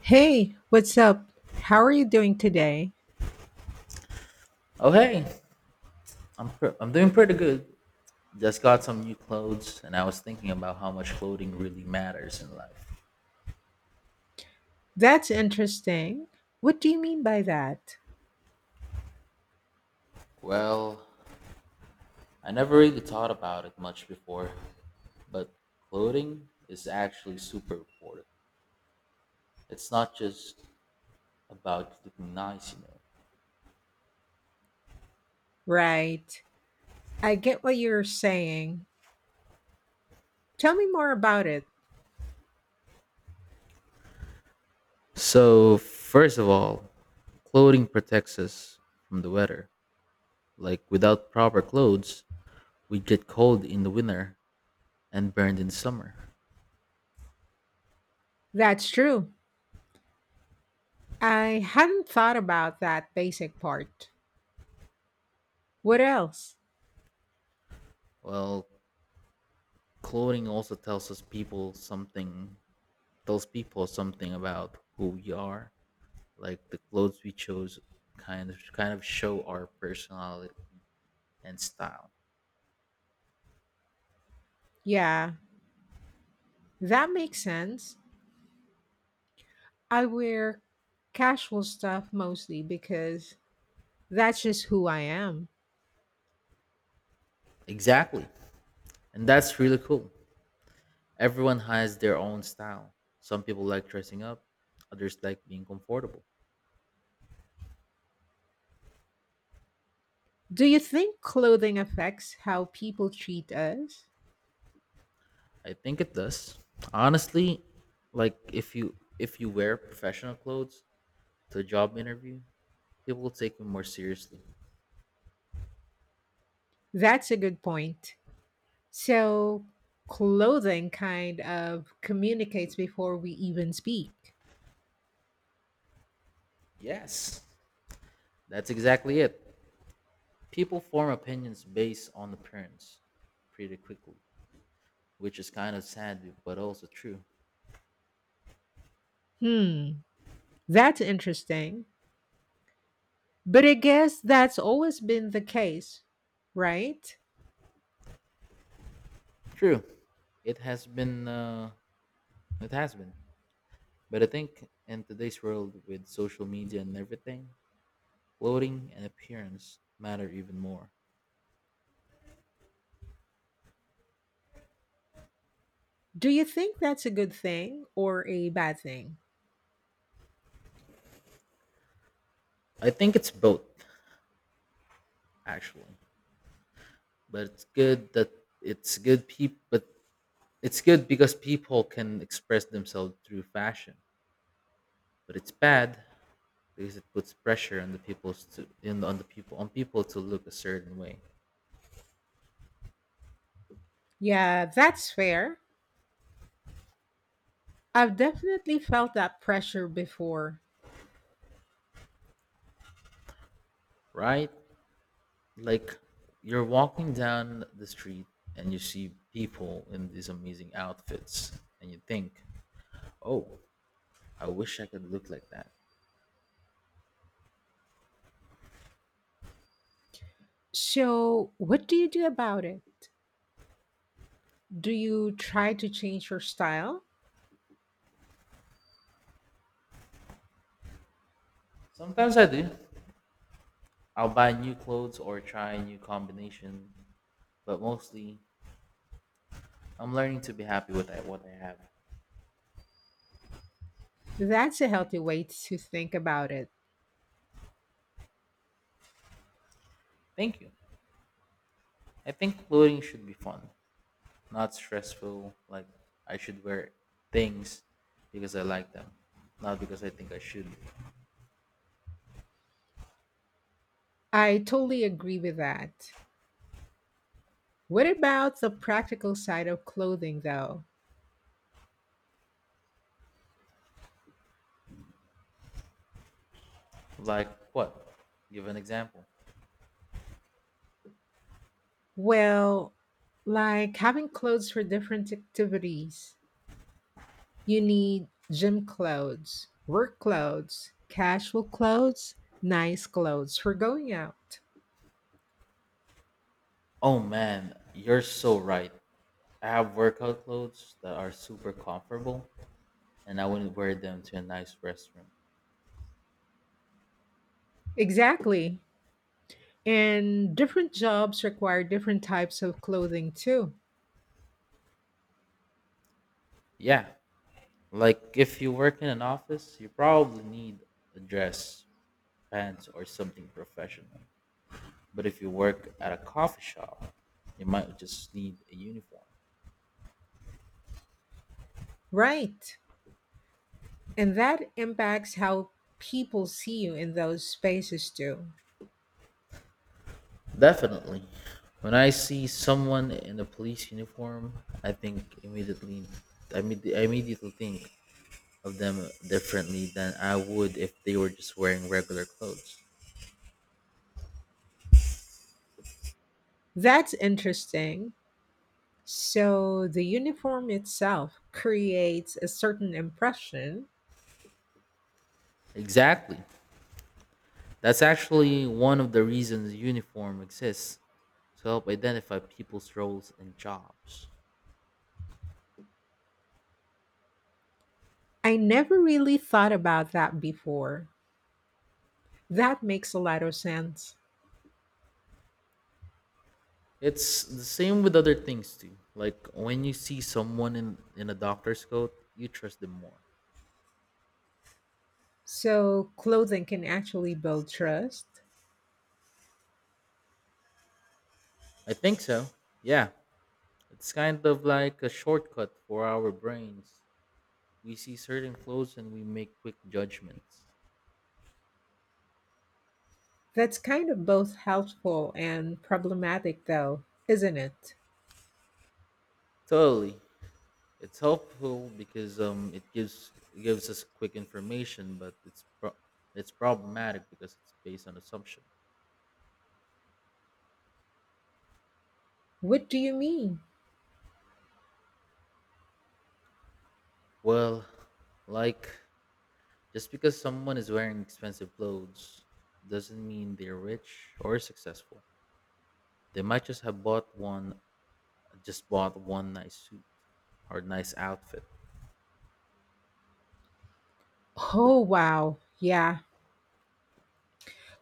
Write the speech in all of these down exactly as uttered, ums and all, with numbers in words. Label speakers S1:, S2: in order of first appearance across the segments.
S1: Hey, what's up? How are you doing today?
S2: Oh hey, I'm pr- I'm doing pretty good. Just got some new clothes, and I was thinking about how much clothing really matters in life.
S1: That's interesting. What do you mean by that?
S2: Well, I never really thought about it much before, but clothing is actually super important. It's not just about looking nice, you know.
S1: Right. I get what you're saying. Tell me more about it.
S2: So first of all, clothing protects us from the weather. Like without proper clothes, we get cold in the winter and burned in summer.
S1: That's true. I hadn't thought about that basic part. What else?
S2: Well, clothing also tells us people something tells people something about who we are, like the clothes we chose kind of kind of show our personality and style.
S1: Yeah, that makes sense. I wear casual stuff mostly because that's just who I am.
S2: Exactly, and that's really cool. Everyone has their own style. Some people like dressing up, others like being comfortable.
S1: Do you think clothing affects how people treat us?
S2: I think it does, honestly. Like if you if you wear professional clothes to a job interview, people will take you more seriously.
S1: That's a good point. So, clothing kind of communicates before we even speak.
S2: Yes, that's exactly it. People form opinions based on appearance pretty quickly, which is kind of sad, but also true.
S1: Hmm, that's interesting. But I guess that's always been the case, right?
S2: True, it has been, uh, it has been. But I think in today's world with social media and everything, clothing and appearance matter even more.
S1: Do you think that's a good thing or a bad thing?
S2: I think it's both, actually. But it's good that it's good people, but it's good because people can express themselves through fashion. But it's bad because it puts pressure on the people's to in on the people on people to look a certain way,
S1: Yeah, that's fair. I've definitely felt that pressure before.
S2: right? Like you're walking down the street and you see people in these amazing outfits, and you think, "Oh, I wish I could look like that."
S1: So, what do you do about it? Do you try to change your style?
S2: Sometimes I do. I'll buy new clothes or try a new combination, but mostly I'm learning to be happy with I- what I have.
S1: That's a healthy way to think about it.
S2: Thank you. I think clothing should be fun, not stressful. Like I should wear things because I like them, not because I think I should.
S1: I totally agree with that. What about the practical side of clothing, though?
S2: Like what? Give an example.
S1: Well, like having clothes for different activities. You need gym clothes, work clothes, casual clothes, nice clothes for going out.
S2: Oh man, you're so right. I have workout clothes that are super comfortable and I wouldn't wear them to a nice restroom.
S1: Exactly. And different jobs require different types of clothing too.
S2: Yeah. Like if you work in an office, you probably need a dress, pants, or something professional. But if you work at a coffee shop, you might just need a uniform.
S1: Right. And that impacts how people see you in those spaces too.
S2: Definitely. When I see someone in a police uniform, I think immediately, I, imme- I immediately think of them differently than I would if they were just wearing regular clothes.
S1: That's interesting. So the uniform itself creates a certain impression.
S2: Exactly. That's actually one of the reasons uniform exists, to help identify people's roles and jobs.
S1: I never really thought about that before. That makes a lot of sense.
S2: It's the same with other things too. Like when you see someone in, in a doctor's coat, you trust them more.
S1: So, clothing can actually build trust.
S2: I think so. Yeah. It's kind of like a shortcut for our brains. We see certain clothes and we make quick judgments.
S1: That's kind of both helpful and problematic, though, isn't it?
S2: Totally. It's helpful because um, it gives it gives us quick information, but it's pro- it's problematic because it's based on assumption.
S1: What do you mean?
S2: Well, like just because someone is wearing expensive clothes doesn't mean they're rich or successful. They might just have bought one just bought one nice suit or nice outfit.
S1: Oh, wow. Yeah,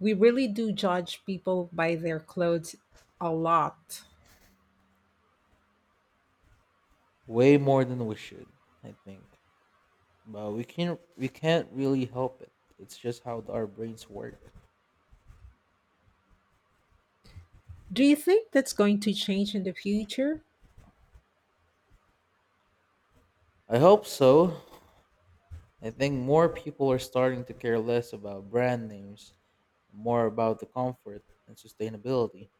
S1: we really do judge people by their clothes a lot.
S2: Way more than we should, I think. But we can we can't really help it. It's just how our brains work.
S1: Do you think that's going to change in the future?
S2: I hope so. I think more people are starting to care less about brand names and more about the comfort and sustainability.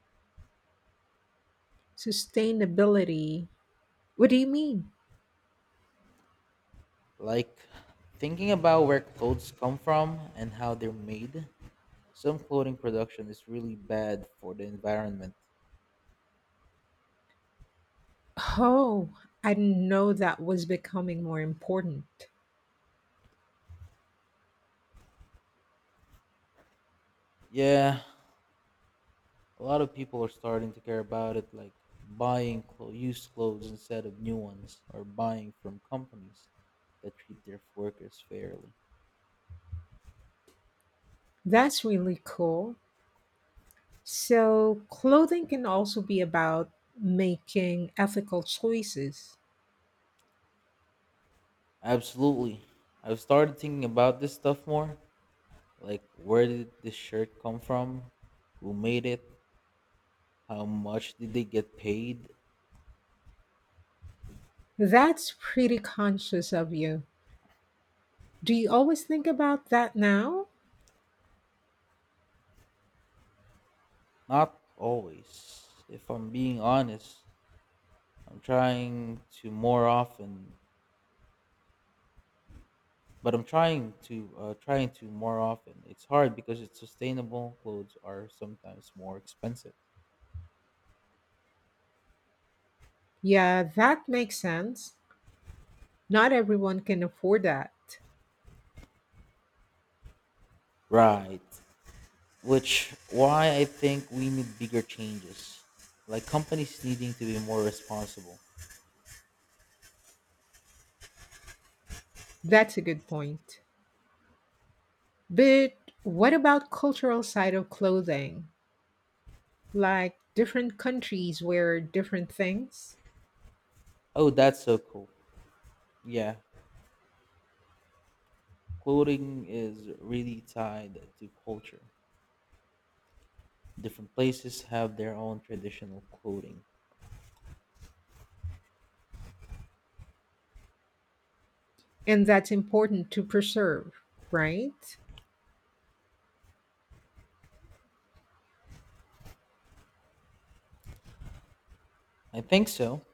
S1: Sustainability. What do you mean?
S2: Like thinking about where clothes come from and how they're made. Some clothing production is really bad for the environment.
S1: Oh, I didn't know that was becoming more important.
S2: Yeah, a lot of people are starting to care about it, like buying clo- used clothes instead of new ones, or buying from companies that treat their workers fairly.
S1: That's really cool. So, clothing can also be about making ethical choices.
S2: Absolutely. I've started thinking about this stuff more. Like, where did this shirt come from? Who made it? How much did they get paid?
S1: That's pretty conscious of you. Do you always think about that now?
S2: Not always. If I'm being honest, I'm trying to more often but I'm trying to uh, trying to more often. It's hard because it's sustainable clothes are sometimes more expensive.
S1: Yeah, that makes sense. Not everyone can afford that.
S2: Right. Which why I think we need bigger changes. Like companies needing to be more responsible.
S1: That's a good point. But what about cultural side of clothing? Like different countries wear different things,
S2: Oh, that's so cool. Yeah. Clothing is really tied to culture. Different places have their own traditional clothing.
S1: and that's important to preserve, right?
S2: I think so.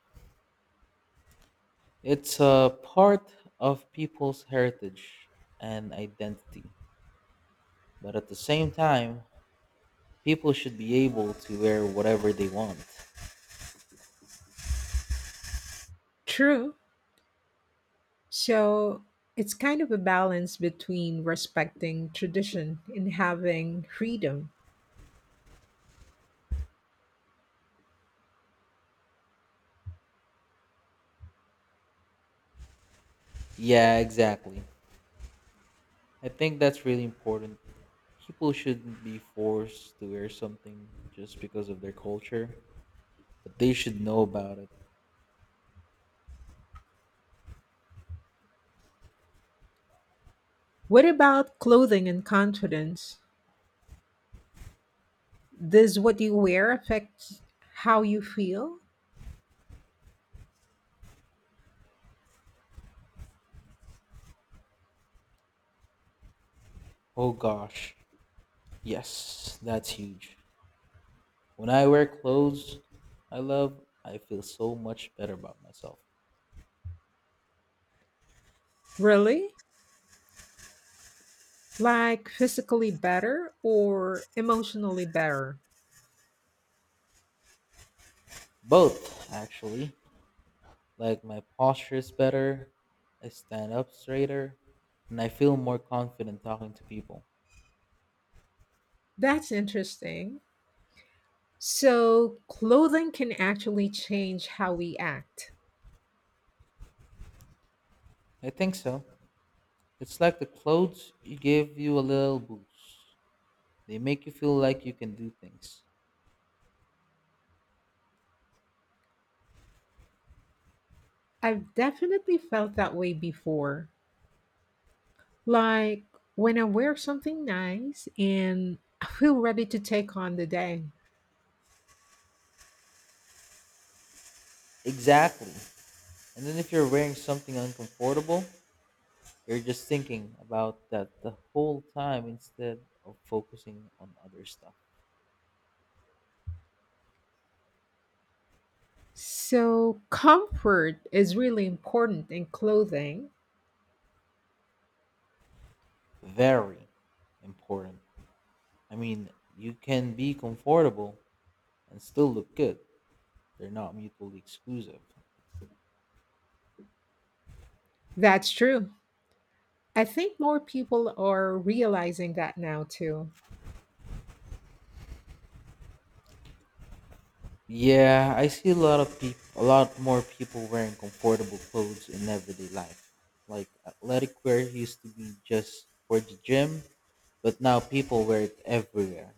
S2: It's a part of people's heritage and identity. But at the same time, people should be able to wear whatever they want.
S1: True. So it's kind of a balance between respecting tradition and having freedom.
S2: Yeah, exactly. I think that's really important. People shouldn't be forced to wear something just because of their culture, but they should know about it.
S1: What about clothing and confidence? Does what you wear affect how you feel?
S2: Oh gosh. Yes, that's huge. When I wear clothes I love, I feel so much better about myself.
S1: Really? Like physically better or emotionally better?
S2: Both, actually. Like my posture is better, I stand up straighter, and I feel more confident talking to people.
S1: That's interesting. So, clothing can actually change how we act.
S2: I think so. It's like the clothes you give you a little boost. They make you feel like you can do things.
S1: I've definitely felt that way before. Like when I wear something nice and I feel ready to take on the day.
S2: Exactly. And then if you're wearing something uncomfortable, you're just thinking about that the whole time instead of focusing on other stuff.
S1: So, comfort is really important in clothing.
S2: Very important. I mean, you can be comfortable and still look good. They're not mutually exclusive.
S1: That's true. I think more people are realizing that now too.
S2: Yeah, I see a lot of people, a lot more people wearing comfortable clothes in everyday life. Like athletic wear used to be just for the gym, but now people wear it everywhere,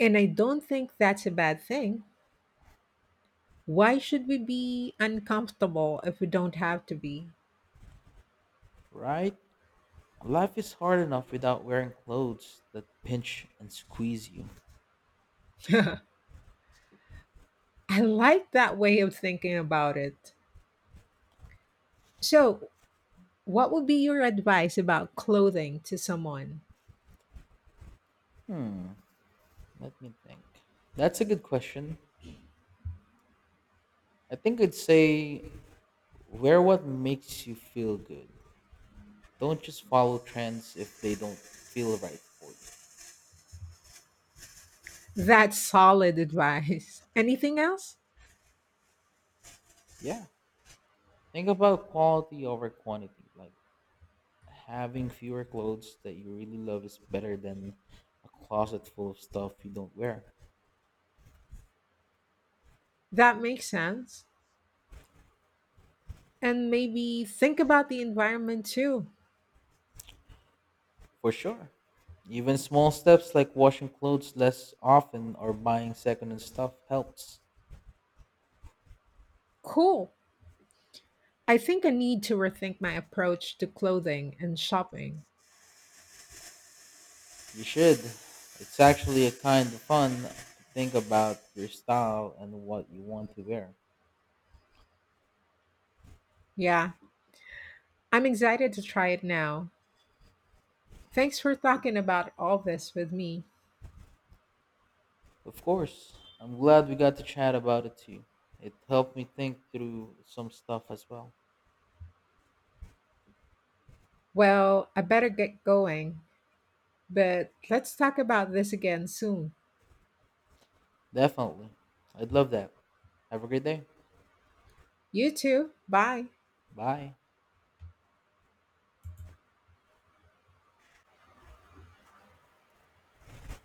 S1: And I don't think that's a bad thing. Why should we be uncomfortable if we don't have to be?
S2: right? Life is hard enough without wearing clothes that pinch and squeeze you.
S1: I like that way of thinking about it. So, what would be your advice about clothing to someone?
S2: Let me think. That's a good question. I think I'd say wear what makes you feel good. Don't just follow trends if they don't feel right for you.
S1: That's solid advice. Anything else?
S2: Yeah. Think about quality over quantity. Like having fewer clothes that you really love is better than a closet full of stuff you don't wear.
S1: That makes sense. And maybe think about the environment too.
S2: For sure. Even small steps like washing clothes less often or buying secondhand stuff helps.
S1: Cool. I think I need to rethink my approach to clothing and shopping.
S2: You should. It's actually a kind of fun to think about your style and what you want to wear.
S1: Yeah, I'm excited to try it now. Thanks for talking about all this with me.
S2: Of course. I'm glad we got to chat about it too. It helped me think through some stuff as well.
S1: Well, I better get going, but let's talk about this again soon.
S2: Definitely. I'd love that. Have a great day.
S1: You too. Bye.
S2: Bye.